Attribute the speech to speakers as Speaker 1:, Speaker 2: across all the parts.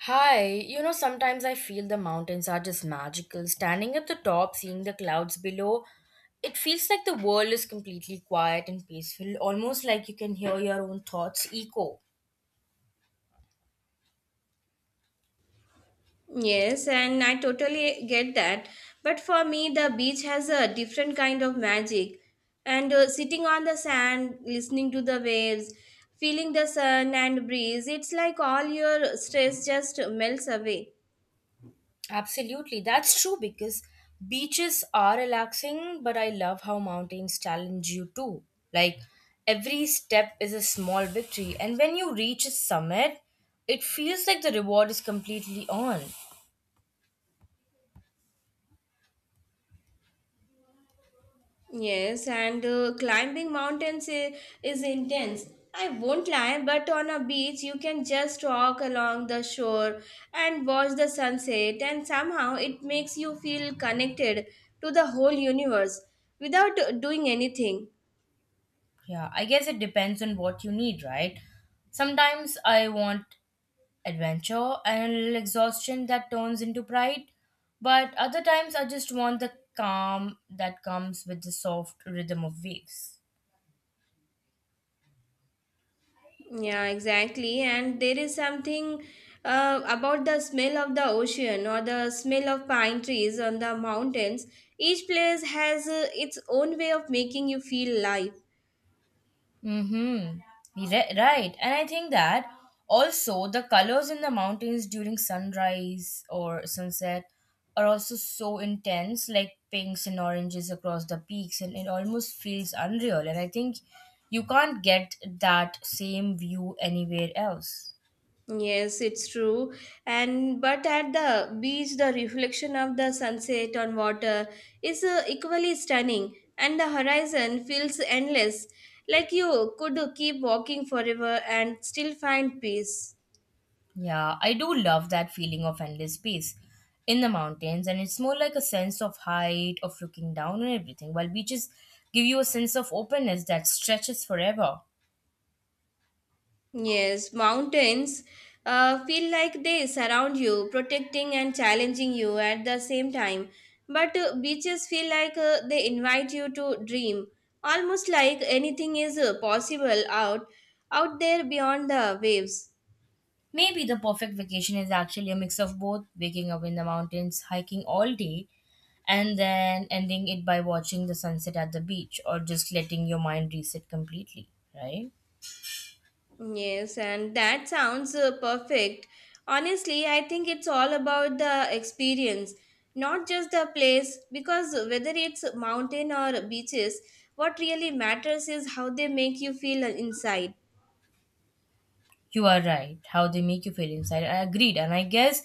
Speaker 1: Hi, you know, sometimes I feel the mountains are just magical. Standing at the top, seeing the clouds below, it feels like the world is completely quiet and peaceful, almost like you can hear your own thoughts echo.
Speaker 2: Yes, and I totally get that. But for me, the beach has a different kind of magic. And Sitting on the sand, listening to the waves, feeling the sun and breeze, it's like all your stress just melts away.
Speaker 1: Absolutely, that's true because beaches are relaxing, but I love how mountains challenge you too. Like every step is a small victory, and when you reach a summit, it feels like the reward is completely on.
Speaker 2: Yes, and Climbing mountains is intense. I won't lie, but on a beach, you can just walk along the shore and watch the sunset, and somehow it makes you feel connected to the whole universe without doing anything.
Speaker 1: Yeah, I guess it depends on what you need, right? Sometimes I want adventure and a little exhaustion that turns into pride, but other times I just want the calm that comes with the soft rhythm of waves.
Speaker 2: Yeah, exactly. And there is something about the smell of the ocean or the smell of pine trees on the mountains. Each place has its own way of making you feel alive.
Speaker 1: Mm-hmm. Right. And I think that also the colors in the mountains during sunrise or sunset are also so intense, like pinks and oranges across the peaks, and it almost feels unreal. And I think you can't get that same view anywhere else.
Speaker 2: Yes, it's true. And but at the beach, the reflection of the sunset on water is equally stunning, and the horizon feels endless, like you could keep walking forever and still find peace.
Speaker 1: Yeah, I do love that feeling of endless space in the mountains, and it's more like a sense of height, of looking down and everything, while beaches give you a sense of openness that stretches forever.
Speaker 2: Yes, mountains feel like they surround you, protecting and challenging you at the same time. But beaches feel like they invite you to dream, almost like anything is possible out there beyond the waves.
Speaker 1: Maybe the perfect vacation is actually a mix of both waking up in the mountains, hiking all day, and then ending it by watching the sunset at the beach or just letting your mind reset completely, right?
Speaker 2: Yes, and that sounds perfect. Honestly, I think it's all about the experience, not just the place, because whether it's mountain or beaches, what really matters is how they make you feel inside.
Speaker 1: You are right. How they make you feel inside. I agreed. And I guess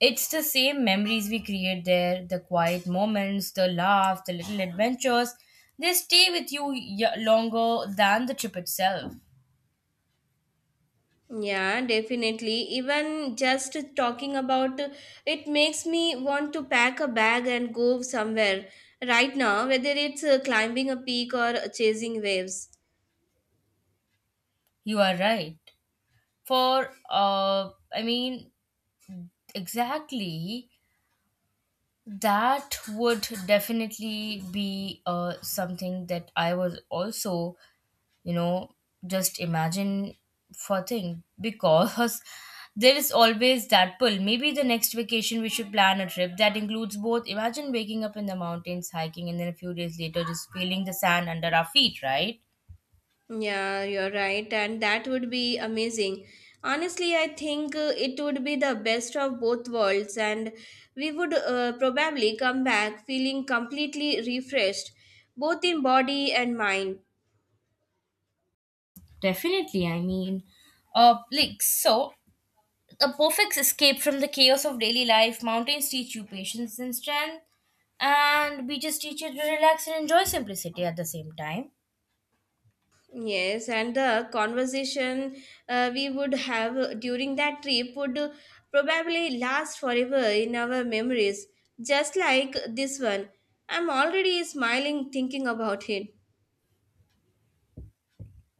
Speaker 1: it's the same memories we create there, the quiet moments, the laughs, the little adventures. They stay with you longer than the trip itself.
Speaker 2: Yeah, definitely. Even just talking about it makes me want to pack a bag and go somewhere right now, whether it's climbing a peak or chasing waves.
Speaker 1: You are right. For, uh, I mean, exactly. That would definitely be something that I was also, you know, just imagine for thing because there is always that pull. Maybe the next vacation we should plan a trip that includes both. Imagine waking up in the mountains, hiking, and then a few days later just feeling the sand under our feet, right?
Speaker 2: Yeah, you're right, and that would be amazing. Honestly, I think it would be the best of both worlds, and we would probably come back feeling completely refreshed, both in body and mind.
Speaker 1: Definitely. Uh, like so. A perfect escape from the chaos of daily life. Mountains teach you patience and strength, and beaches teach you to relax and enjoy simplicity at the same time.
Speaker 2: Yes, and the conversation we would have during that trip would probably last forever in our memories, just like this one. I'm already smiling thinking about it.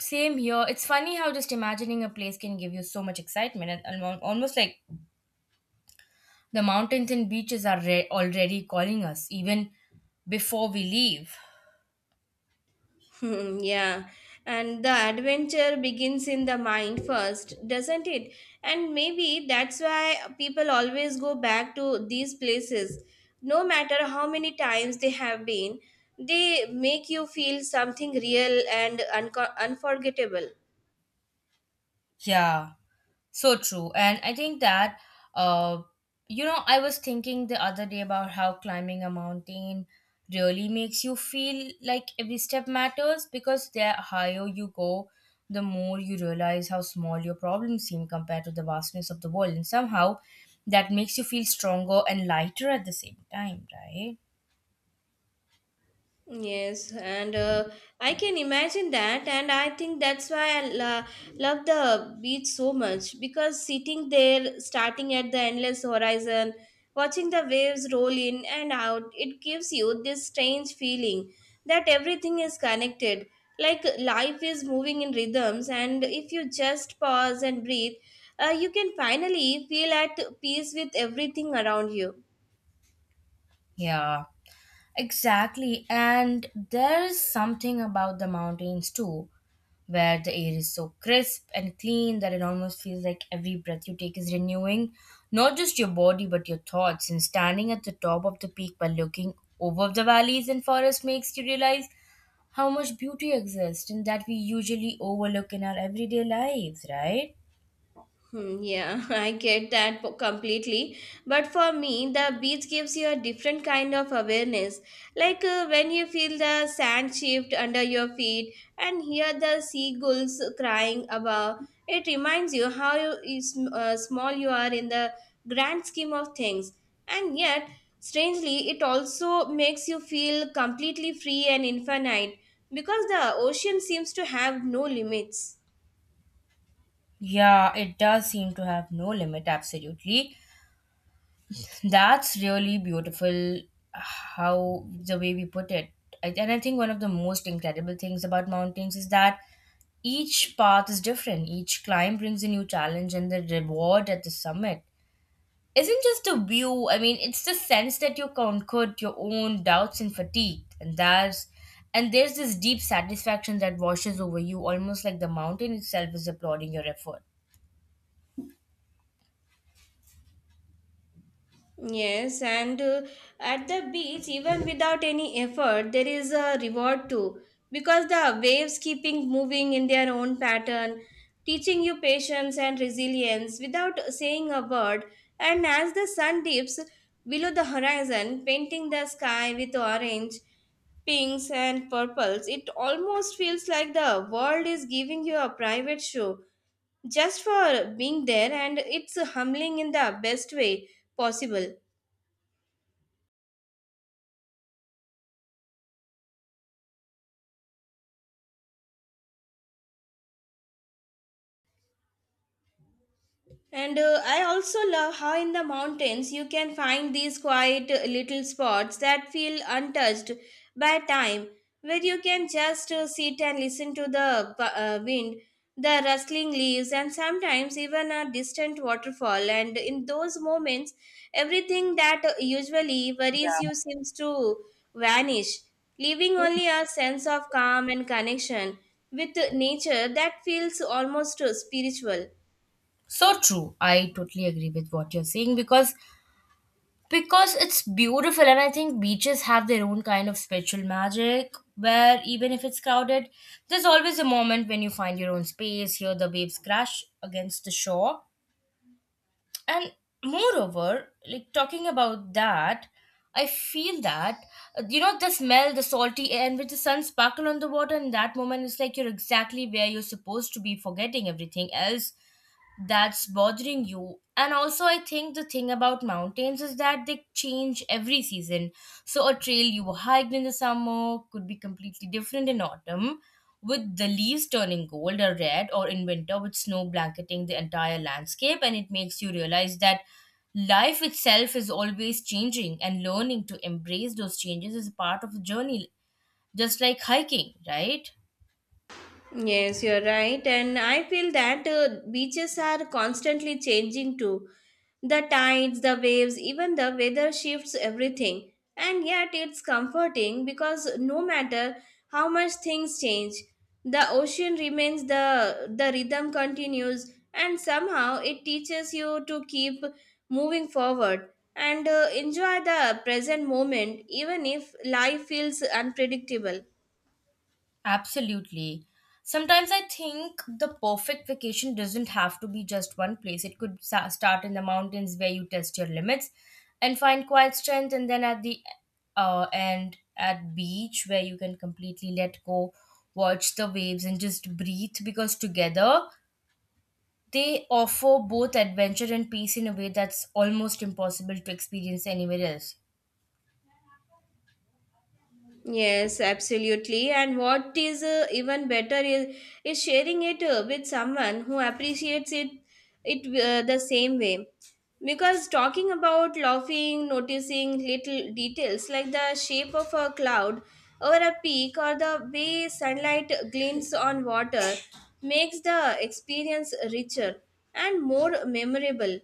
Speaker 1: Same here. It's funny how just imagining a place can give you so much excitement, and almost like the mountains and beaches are already calling us even before we leave.
Speaker 2: Hmm, yeah, and the adventure begins in the mind first, doesn't it? And maybe that's why people always go back to these places. No matter how many times they have been, they make you feel something real and unforgettable.
Speaker 1: Yeah, so true. And I think that, uh, I was thinking the other day about how climbing a mountain really makes you feel like every step matters, because the higher you go, the more you realize how small your problems seem compared to the vastness of the world. And somehow that makes you feel stronger and lighter at the same time, right?
Speaker 2: Yes, and I can imagine that, and I think that's why I love the beach so much because sitting there, starting at the endless horizon, watching the waves roll in and out, it gives you this strange feeling that everything is connected, like life is moving in rhythms, and if you just pause and breathe, you can finally feel at peace with everything around you.
Speaker 1: Yeah, exactly. And there is something about the mountains too, where the air is so crisp and clean that it almost feels like every breath you take is renewing not just your body but your thoughts. And standing at the top of the peak while looking over the valleys and forests makes you realize how much beauty exists and that we usually overlook in our everyday lives, right?
Speaker 2: Hmm, yeah, I get that completely. But for me, the beach gives you a different kind of awareness. Like when you feel the sand shift under your feet and hear the seagulls crying above, it reminds you how you small you are in the grand scheme of things. And yet, strangely, it also makes you feel completely free and infinite because the ocean seems to have no limits.
Speaker 1: Yeah, it does seem to have no limit, absolutely. That's really beautiful how the way we put it. And I think one of the most incredible things about mountains is that each path is different. Each climb brings a new challenge, and the reward at the summit isn't just a view. I mean, it's the sense that you conquered your own doubts and fatigue, and that's and there's this deep satisfaction that washes over you, almost like the mountain itself is applauding your effort.
Speaker 2: Yes, and at the beach, even without any effort, there is a reward too because the waves keeping moving in their own pattern, teaching you patience and resilience without saying a word. And as the sun dips below the horizon, painting the sky with orange, pinks, and purples, it almost feels like the world is giving you a private show just for being there, and it's humbling in the best way possible. And I also love how in the mountains you can find these quiet little spots that feel untouched by time, where you can just sit and listen to the wind, the rustling leaves, and sometimes even a distant waterfall. And in those moments, everything that usually worries you seems to vanish, leaving only a sense of calm and connection with nature that feels almost spiritual.
Speaker 1: So true. I totally agree with what you're saying, because it's beautiful. And I think beaches have their own kind of spiritual magic where even if it's crowded, there's always a moment when you find your own space, hear the waves crash against the shore. And moreover, like, talking about that, I feel that, the smell, the salty air, and with the sun sparkle on the water, in that moment it's like you're exactly where you're supposed to be, forgetting everything else that's bothering you. And also I think the thing about mountains is that they change every season, so a trail you hiked in the summer could be completely different in autumn, with the leaves turning gold or red, or in winter with snow blanketing the entire landscape. And it makes you realize that life itself is always changing, and learning to embrace those changes is a part of the journey, just like hiking, right?
Speaker 2: Yes, you're right. And I feel that beaches are constantly changing too. The tides, the waves, even the weather shifts everything. And yet it's comforting because no matter how much things change, the ocean remains the rhythm continues and somehow it teaches you to keep moving forward and enjoy the present moment even if life feels unpredictable.
Speaker 1: Absolutely. Sometimes I think the perfect vacation doesn't have to be just one place. It could start in the mountains where you test your limits and find quiet strength, and then at the end at beach where you can completely let go, watch the waves, and just breathe. Because together they offer both adventure and peace in a way that's almost impossible to experience anywhere else.
Speaker 2: Yes, absolutely. And what is even better is sharing it with someone who appreciates it the same way. Because talking about laughing, noticing little details like the shape of a cloud or a peak or the way sunlight glints on water makes the experience richer and more memorable.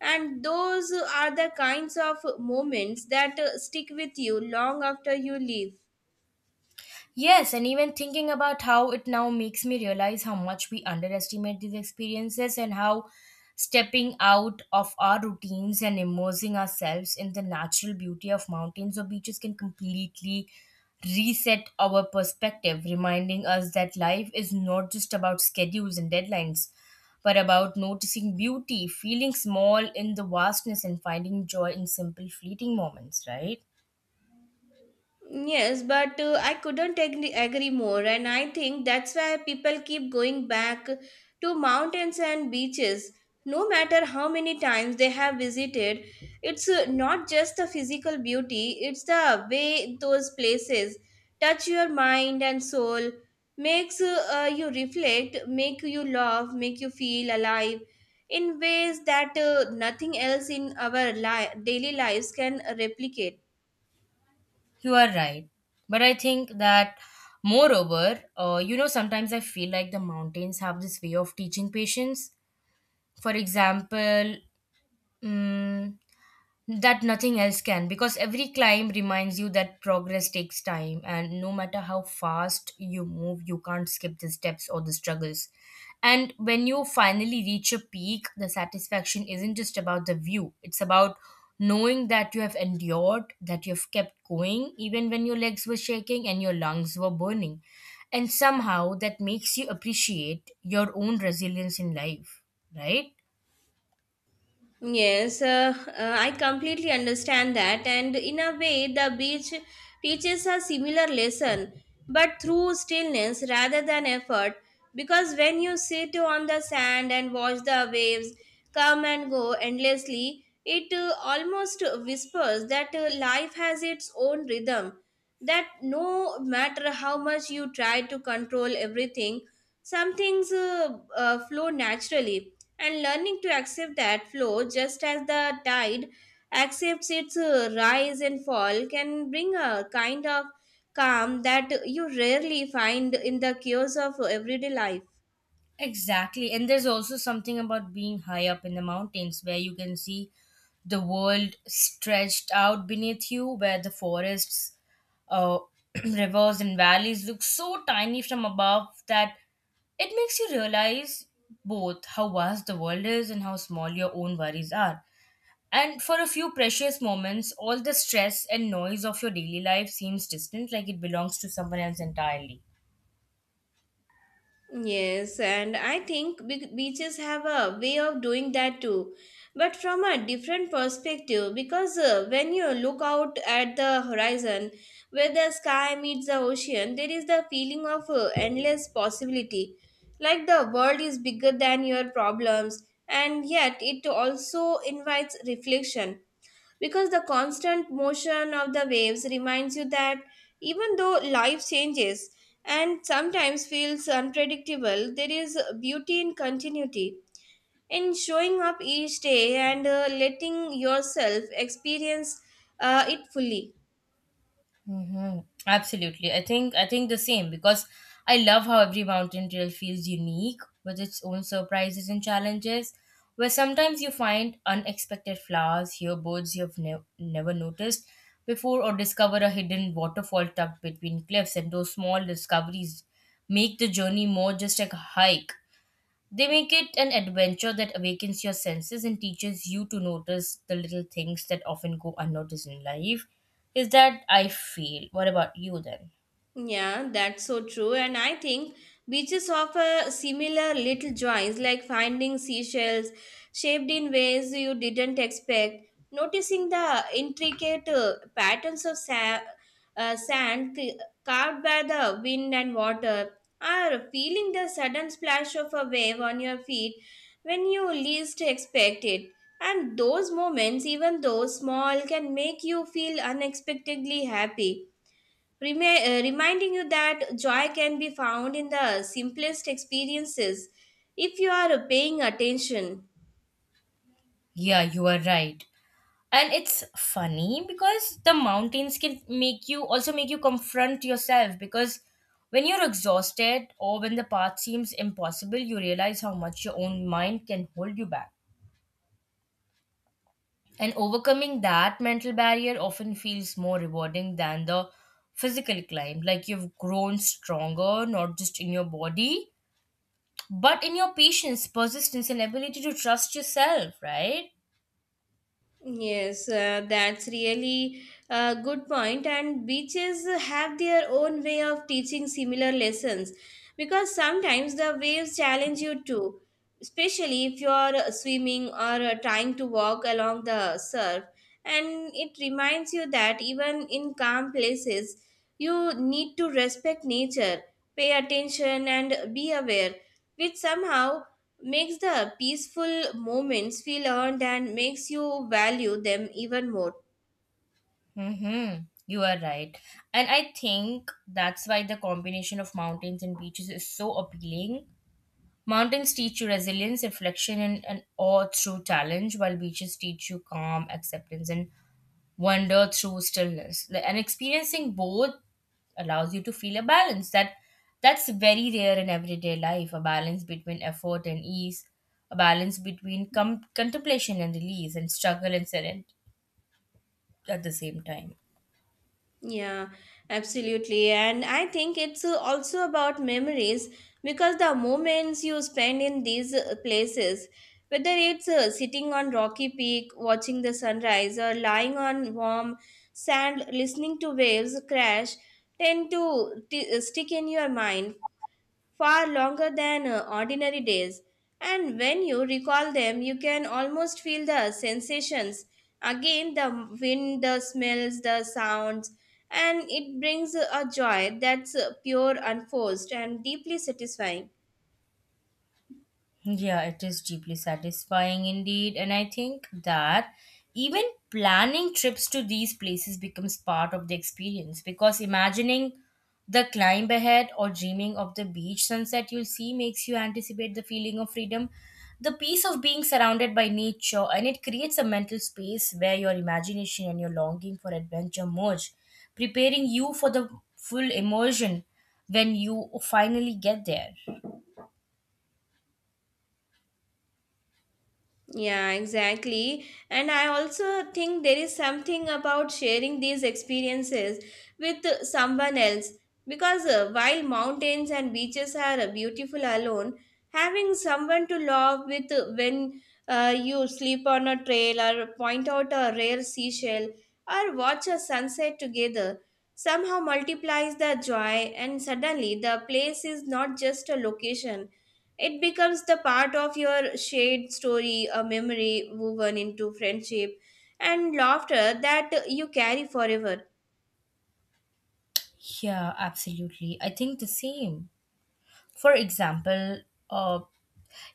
Speaker 2: And those are the kinds of moments that stick with you long after you leave.
Speaker 1: Yes, and even thinking about how it now makes me realize how much we underestimate these experiences, and how stepping out of our routines and immersing ourselves in the natural beauty of mountains or beaches can completely reset our perspective, reminding us that life is not just about schedules and deadlines, but about noticing beauty, feeling small in the vastness, and finding joy in simple, fleeting moments, right?
Speaker 2: Yes, but I couldn't agree more, and I think that's why people keep going back to mountains and beaches. No matter how many times they have visited, it's not just the physical beauty, it's the way those places touch your mind and soul, makes you reflect, make you laugh, make you feel alive in ways that nothing else in our daily lives can replicate.
Speaker 1: You are right. But I think that, moreover, sometimes I feel like the mountains have this way of teaching patience. For example, mm, that nothing else can, because every climb reminds you that progress takes time, and no matter how fast you move you can't skip the steps or the struggles. And when you finally reach a peak, the satisfaction isn't just about the view, it's about knowing that you have endured, that you've kept going even when your legs were shaking and your lungs were burning, and somehow that makes you appreciate your own resilience in life, right?
Speaker 2: Yes, I completely understand that, and in a way, the beach teaches a similar lesson, but through stillness rather than effort. Because when you sit on the sand and watch the waves come and go endlessly, it almost whispers that life has its own rhythm. That no matter how much you try to control everything, some things flow naturally and learning to accept that flow just as the tide accepts its rise and fall can bring a kind of calm that you rarely find in the chaos of everyday life.
Speaker 1: Exactly. And there's also something about being high up in the mountains where you can see the world stretched out beneath you, where the forests, uh, rivers, and valleys look so tiny from above that it makes you realize both how vast the world is and how small your own worries are. And for a few precious moments, all the stress and noise of your daily life seems distant, like it belongs to someone else entirely.
Speaker 2: Yes, and I think beaches have a way of doing that too, but from a different perspective. Because when you look out at the horizon where the sky meets the ocean, there is the feeling of endless possibility. Like the world is bigger than your problems, and yet it also invites reflection because the constant motion of the waves reminds you that even though life changes and sometimes feels unpredictable, there is beauty in continuity, in showing up each day and letting yourself experience it fully.
Speaker 1: Mm-hmm. Absolutely. I think the same, because I love how every mountain trail feels unique with its own surprises and challenges, where sometimes you find unexpected flowers, hear birds never noticed before, or discover a hidden waterfall tucked between cliffs, and those small discoveries make the journey more. Just like a hike, they make it an adventure that awakens your senses and teaches you to notice the little things that often go unnoticed in life. Is that I feel? What about you then?
Speaker 2: Yeah, that's so true. And I think beaches offer similar little joys like finding seashells shaped in ways you didn't expect, noticing the intricate patterns of sand carved by the wind and water, or feeling the sudden splash of a wave on your feet when you least expect it. And those moments, even though small, can make you feel unexpectedly happy, reminding you that joy can be found in the simplest experiences if you are paying attention.
Speaker 1: Yeah, you are right. And it's funny because the mountains can make you, also make you confront yourself, because when you're exhausted or when the path seems impossible, you realize how much your own mind can hold you back. And overcoming that mental barrier often feels more rewarding than the physical climb. Like, you've grown stronger, not just in your body, but in your patience, persistence, and ability to trust yourself, right?
Speaker 2: Yes, that's really a good point. And beaches have their own way of teaching similar lessons because sometimes the waves challenge you too, especially if you're swimming or trying to walk along the surf. And it reminds you that even in calm places, you need to respect nature, pay attention, and be aware, which somehow makes the peaceful moments feel earned and makes you value them even more.
Speaker 1: Mm-hmm. You are right. And I think that's why the combination of mountains and beaches is so appealing. Mountains teach you resilience, reflection, and awe through challenge, while beaches teach you calm, acceptance, and wonder through stillness. And experiencing both allows you to feel a balance that's very rare in everyday life, a balance between effort and ease, a balance between contemplation and release, and struggle and serenity at the same time.
Speaker 2: Yeah, absolutely. And I think it's also about memories because the moments you spend in these places, whether it's sitting on rocky peak watching the sunrise or lying on warm sand listening to waves crash, tend to stick in your mind far longer than ordinary days. And when you recall them, you can almost feel the sensations again the wind, the smells, the sounds, and it brings a joy that's pure, unforced, and deeply satisfying.
Speaker 1: Yeah, it is deeply satisfying indeed. And I think that even planning trips to these places becomes part of the experience, because imagining the climb ahead or dreaming of the beach sunset you'll see makes you anticipate the feeling of freedom, the peace of being surrounded by nature, and it creates a mental space where your imagination and your longing for adventure merge, preparing you for the full immersion when you finally get there.
Speaker 2: Yeah, exactly. And I also think there is something about sharing these experiences with someone else because while mountains and beaches are beautiful alone, having someone to laugh with when you sleep on a trail or point out a rare seashell or watch a sunset together somehow multiplies the joy and suddenly the place is not just a location it becomes the part of your shared story, a memory woven into friendship and laughter that you carry forever.
Speaker 1: Yeah, absolutely. I think the same. For example, uh,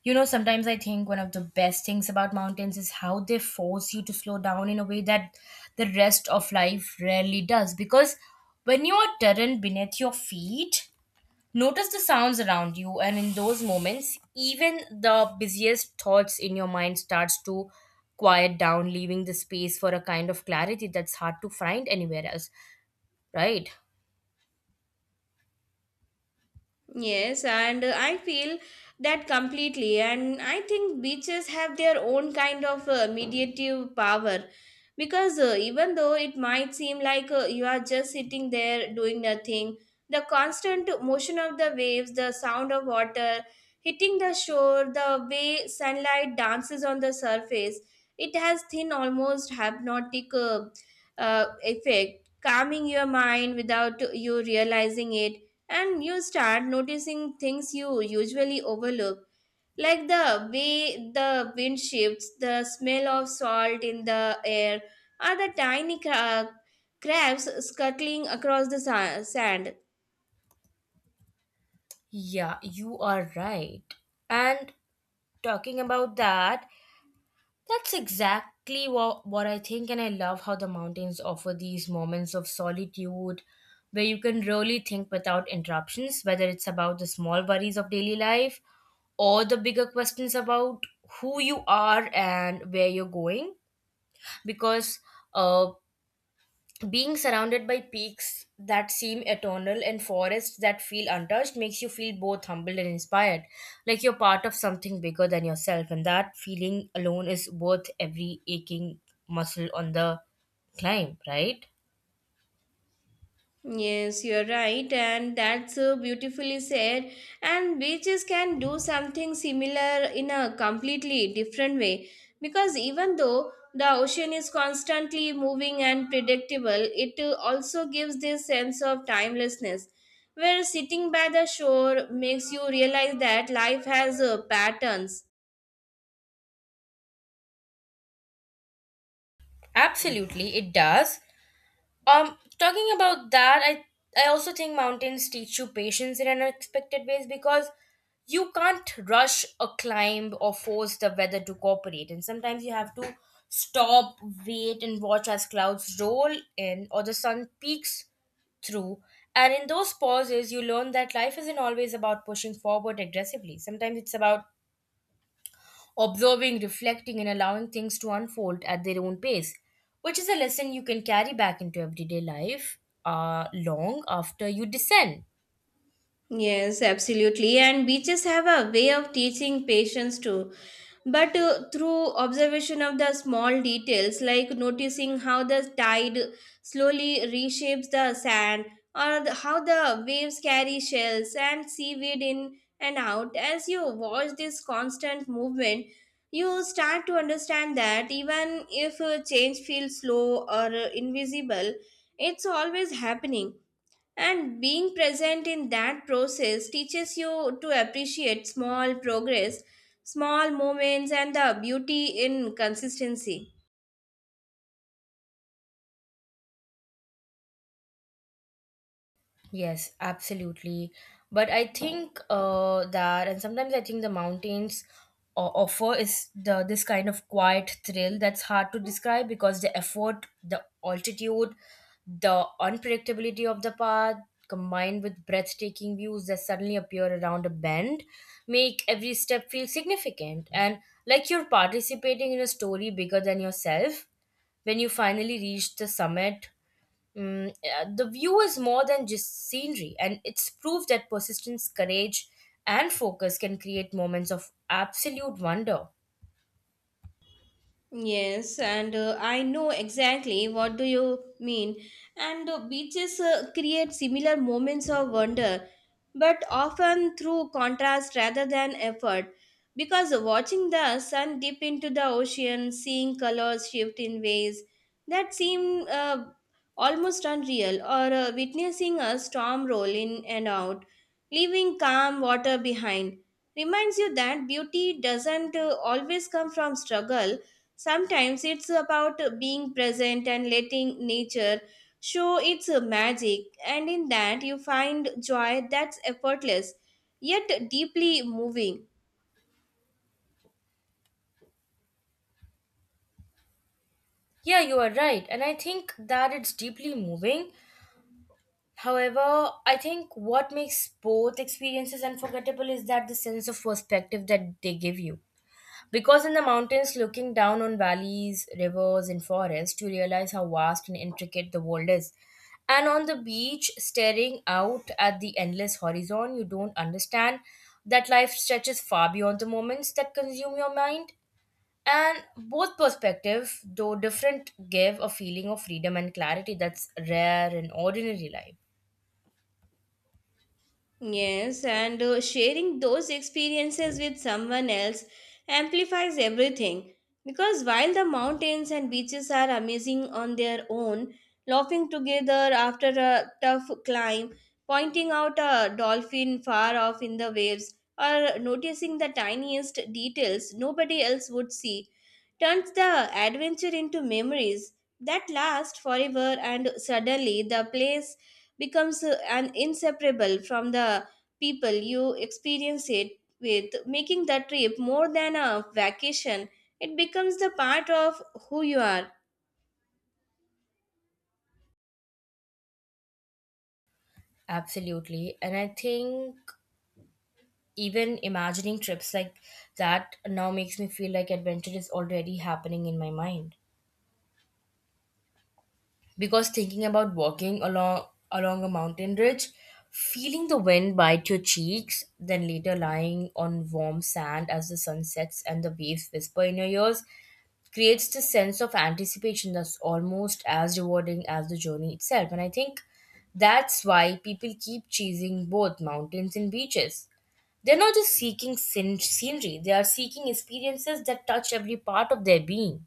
Speaker 1: sometimes I think one of the best things about mountains is how they force you to slow down in a way that the rest of life rarely does. Because when you are terrain beneath your feet, notice the sounds around you, and in those moments, even the busiest thoughts in your mind starts to quiet down, leaving the space for a kind of clarity that's hard to find anywhere else, right?
Speaker 2: Yes, and I feel that completely. And I think beaches have their own kind of mediative power because even though it might seem like you are just sitting there doing nothing, the constant motion of the waves, the sound of water hitting the shore, the way sunlight dances on the surface, it has thin, almost hypnotic effect, calming your mind without you realizing it and you start noticing things you usually overlook like the way the wind shifts the smell of salt in the air or the tiny crabs scuttling across the sand.
Speaker 1: Yeah, you are right. And talking about that, that's exactly what I think, and I love how the mountains offer these moments of solitude where you can really think without interruptions, whether it's about the small worries of daily life or the bigger questions about who you are and where you're going. Because uh, being surrounded by peaks that seem eternal and forests that feel untouched makes you feel both humbled and inspired, like you're part of something bigger than yourself, and that feeling alone is worth every aching muscle on the climb, right?
Speaker 2: Yes, you're right, and that's so beautifully said. And beaches can do something similar in a completely different way because even though the ocean is constantly moving and predictable, it also gives this sense of timelessness. Where sitting by the shore makes you realize that life has patterns.
Speaker 1: Absolutely, it does. Talking about that, I also think mountains teach you patience in unexpected ways because you can't rush a climb or force the weather to cooperate, and sometimes you have to stop, wait, and watch as clouds roll in or the sun peaks through. And in those pauses, you learn that life isn't always about pushing forward aggressively. Sometimes it's about observing, reflecting, and allowing things to unfold at their own pace, which is a lesson you can carry back into everyday life long after you descend.
Speaker 2: Yes, absolutely. And beaches have a way of teaching patience too. But through observation of the small details, like noticing how the tide slowly reshapes the sand, or how the waves carry shells and seaweed in and out. As you watch this constant movement, you start to understand that even if change feels slow or invisible, it's always happening, and being present in that process teaches you to appreciate small progress, small moments, and the beauty in consistency.
Speaker 1: Yes, absolutely. But I think and sometimes I think the mountains offer is the this kind of quiet thrill that's hard to describe because the effort, the altitude, the unpredictability of the path, combined with breathtaking views that suddenly appear around a bend, make every step feel significant and like you're participating in a story bigger than yourself. When you finally reach the summit, the view is more than just scenery, and it's proof that persistence, courage, and focus can create moments of absolute wonder.
Speaker 2: Yes, and I know exactly what do you mean. And beaches create similar moments of wonder, but often through contrast rather than effort. Because watching the sun dip into the ocean, seeing colors shift in ways that seem almost unreal, or witnessing a storm roll in and out, leaving calm water behind, reminds you that beauty doesn't always come from struggle. Sometimes it's about being present and letting nature show its magic, and in that you find joy that's effortless yet deeply moving.
Speaker 1: Yeah, you are right, and I think that it's deeply moving. However, I think what makes both experiences unforgettable is that the sense of perspective that they give you. Because in the mountains, looking down on valleys, rivers, and forests, you realize how vast and intricate the world is. And on the beach, staring out at the endless horizon, you don't understand that life stretches far beyond the moments that consume your mind. And both perspectives, though different, give a feeling of freedom and clarity that's rare in ordinary life.
Speaker 2: Yes, and sharing those experiences with someone else amplifies everything. Because while the mountains and beaches are amazing on their own, laughing together after a tough climb, pointing out a dolphin far off in the waves, or noticing the tiniest details nobody else would see, turns the adventure into memories that last forever, and suddenly the place becomes an inseparable from the people you experience it with, making the trip more than a vacation. It becomes the part of who you are.
Speaker 1: Absolutely. And I think even imagining trips like that now makes me feel like adventure is already happening in my mind because thinking about walking along a mountain ridge feeling the wind bite your cheeks then later lying on warm sand as the sun sets and the waves whisper in your ears creates the sense of anticipation that's almost as rewarding as the journey itself and I think that's why people keep chasing both mountains and beaches they're not just seeking scenery, they are seeking experiences that touch every part of their being.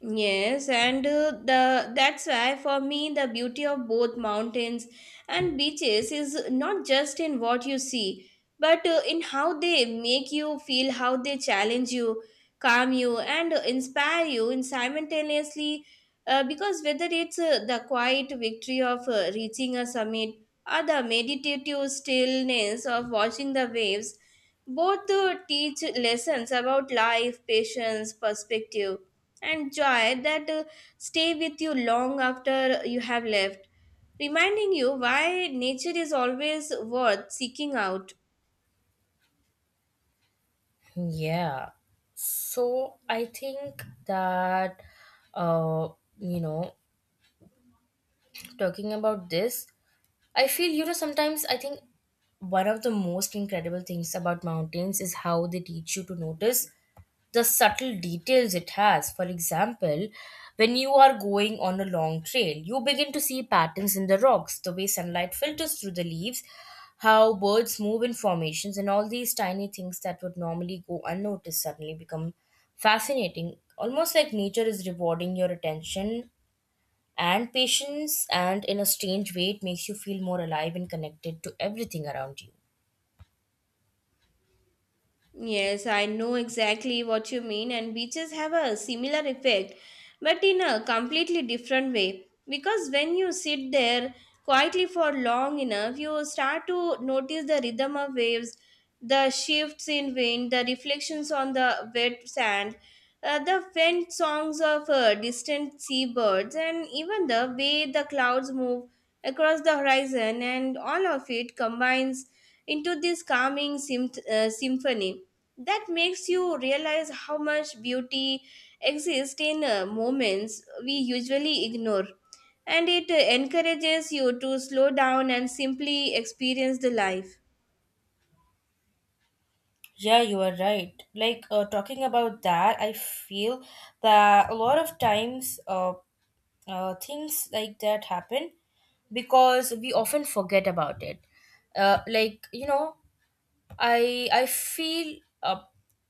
Speaker 2: Yes, and the that's why for me the beauty of both mountains and beaches is not just in what you see, but in how they make you feel, how they challenge you, calm you, and inspire you in simultaneously. Because whether it's the quiet victory of reaching a summit or the meditative stillness of watching the waves, both teach lessons about life, patience, perspective and joy that stay with you long after you have left, reminding you why nature is always worth seeking out.
Speaker 1: Yeah. So I think uh, you know, talking about this, I feel, you know, sometimes I think one of the most incredible things about mountains is how they teach you to notice the subtle details it has. For example, when you are going on a long trail, you begin to see patterns in the rocks, the way sunlight filters through the leaves, how birds move in formations, and all these tiny things that would normally go unnoticed suddenly become fascinating. Almost like nature is rewarding your attention and patience, and in a strange way, it makes you feel more alive and connected to everything around you.
Speaker 2: Yes, I know exactly what you mean, and beaches have a similar effect, but in a completely different way. Because when you sit there quietly for long enough, you start to notice the rhythm of waves, the shifts in wind, the reflections on the wet sand, the faint songs of distant seabirds, and even the way the clouds move across the horizon, and all of it combines into this calming symphony that makes you realize how much beauty exists in moments we usually ignore, and it encourages you to slow down and simply experience the life.
Speaker 1: Yeah, you are right. Like talking about that, I feel that a lot of times things like that happen because we often forget about it. Like you know, I feel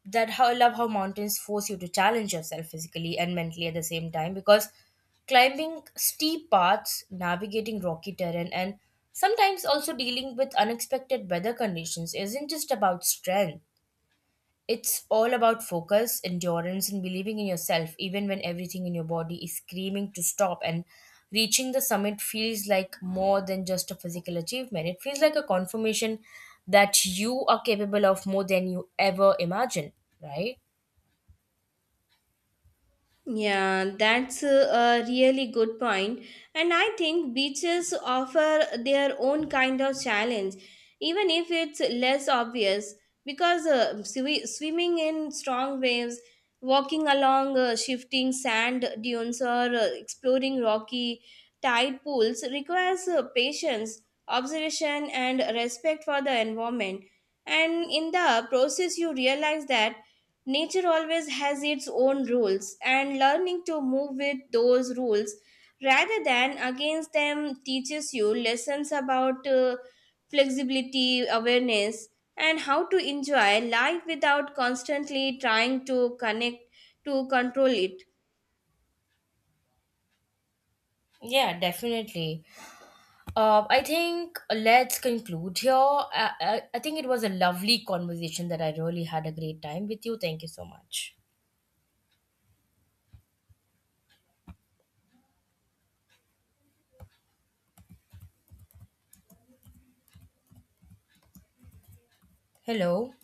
Speaker 1: that how I love how mountains force you to challenge yourself physically and mentally at the same time because climbing steep paths, navigating rocky terrain, and sometimes also dealing with unexpected weather conditions isn't just about strength, it's all about focus, endurance, and believing in yourself, even when everything in your body is screaming to stop. And reaching the summit feels like more than just a physical achievement, it feels like a confirmation that you are capable of more than you ever imagined, right?
Speaker 2: Yeah, that's a really good point. And I think beaches offer their own kind of challenge, even if it's less obvious, because swimming in strong waves, walking along shifting sand dunes, or exploring rocky tide pools requires patience, observation, and respect for the environment. And in the process, you realize that nature always has its own rules, and learning to move with those rules rather than against them teaches you lessons about flexibility, awareness, and how to enjoy life without constantly trying to connect to control it.
Speaker 1: Yeah, definitely. I think let's conclude here. I think it was a lovely conversation that I really had a great time with you. Thank you so much. Hello.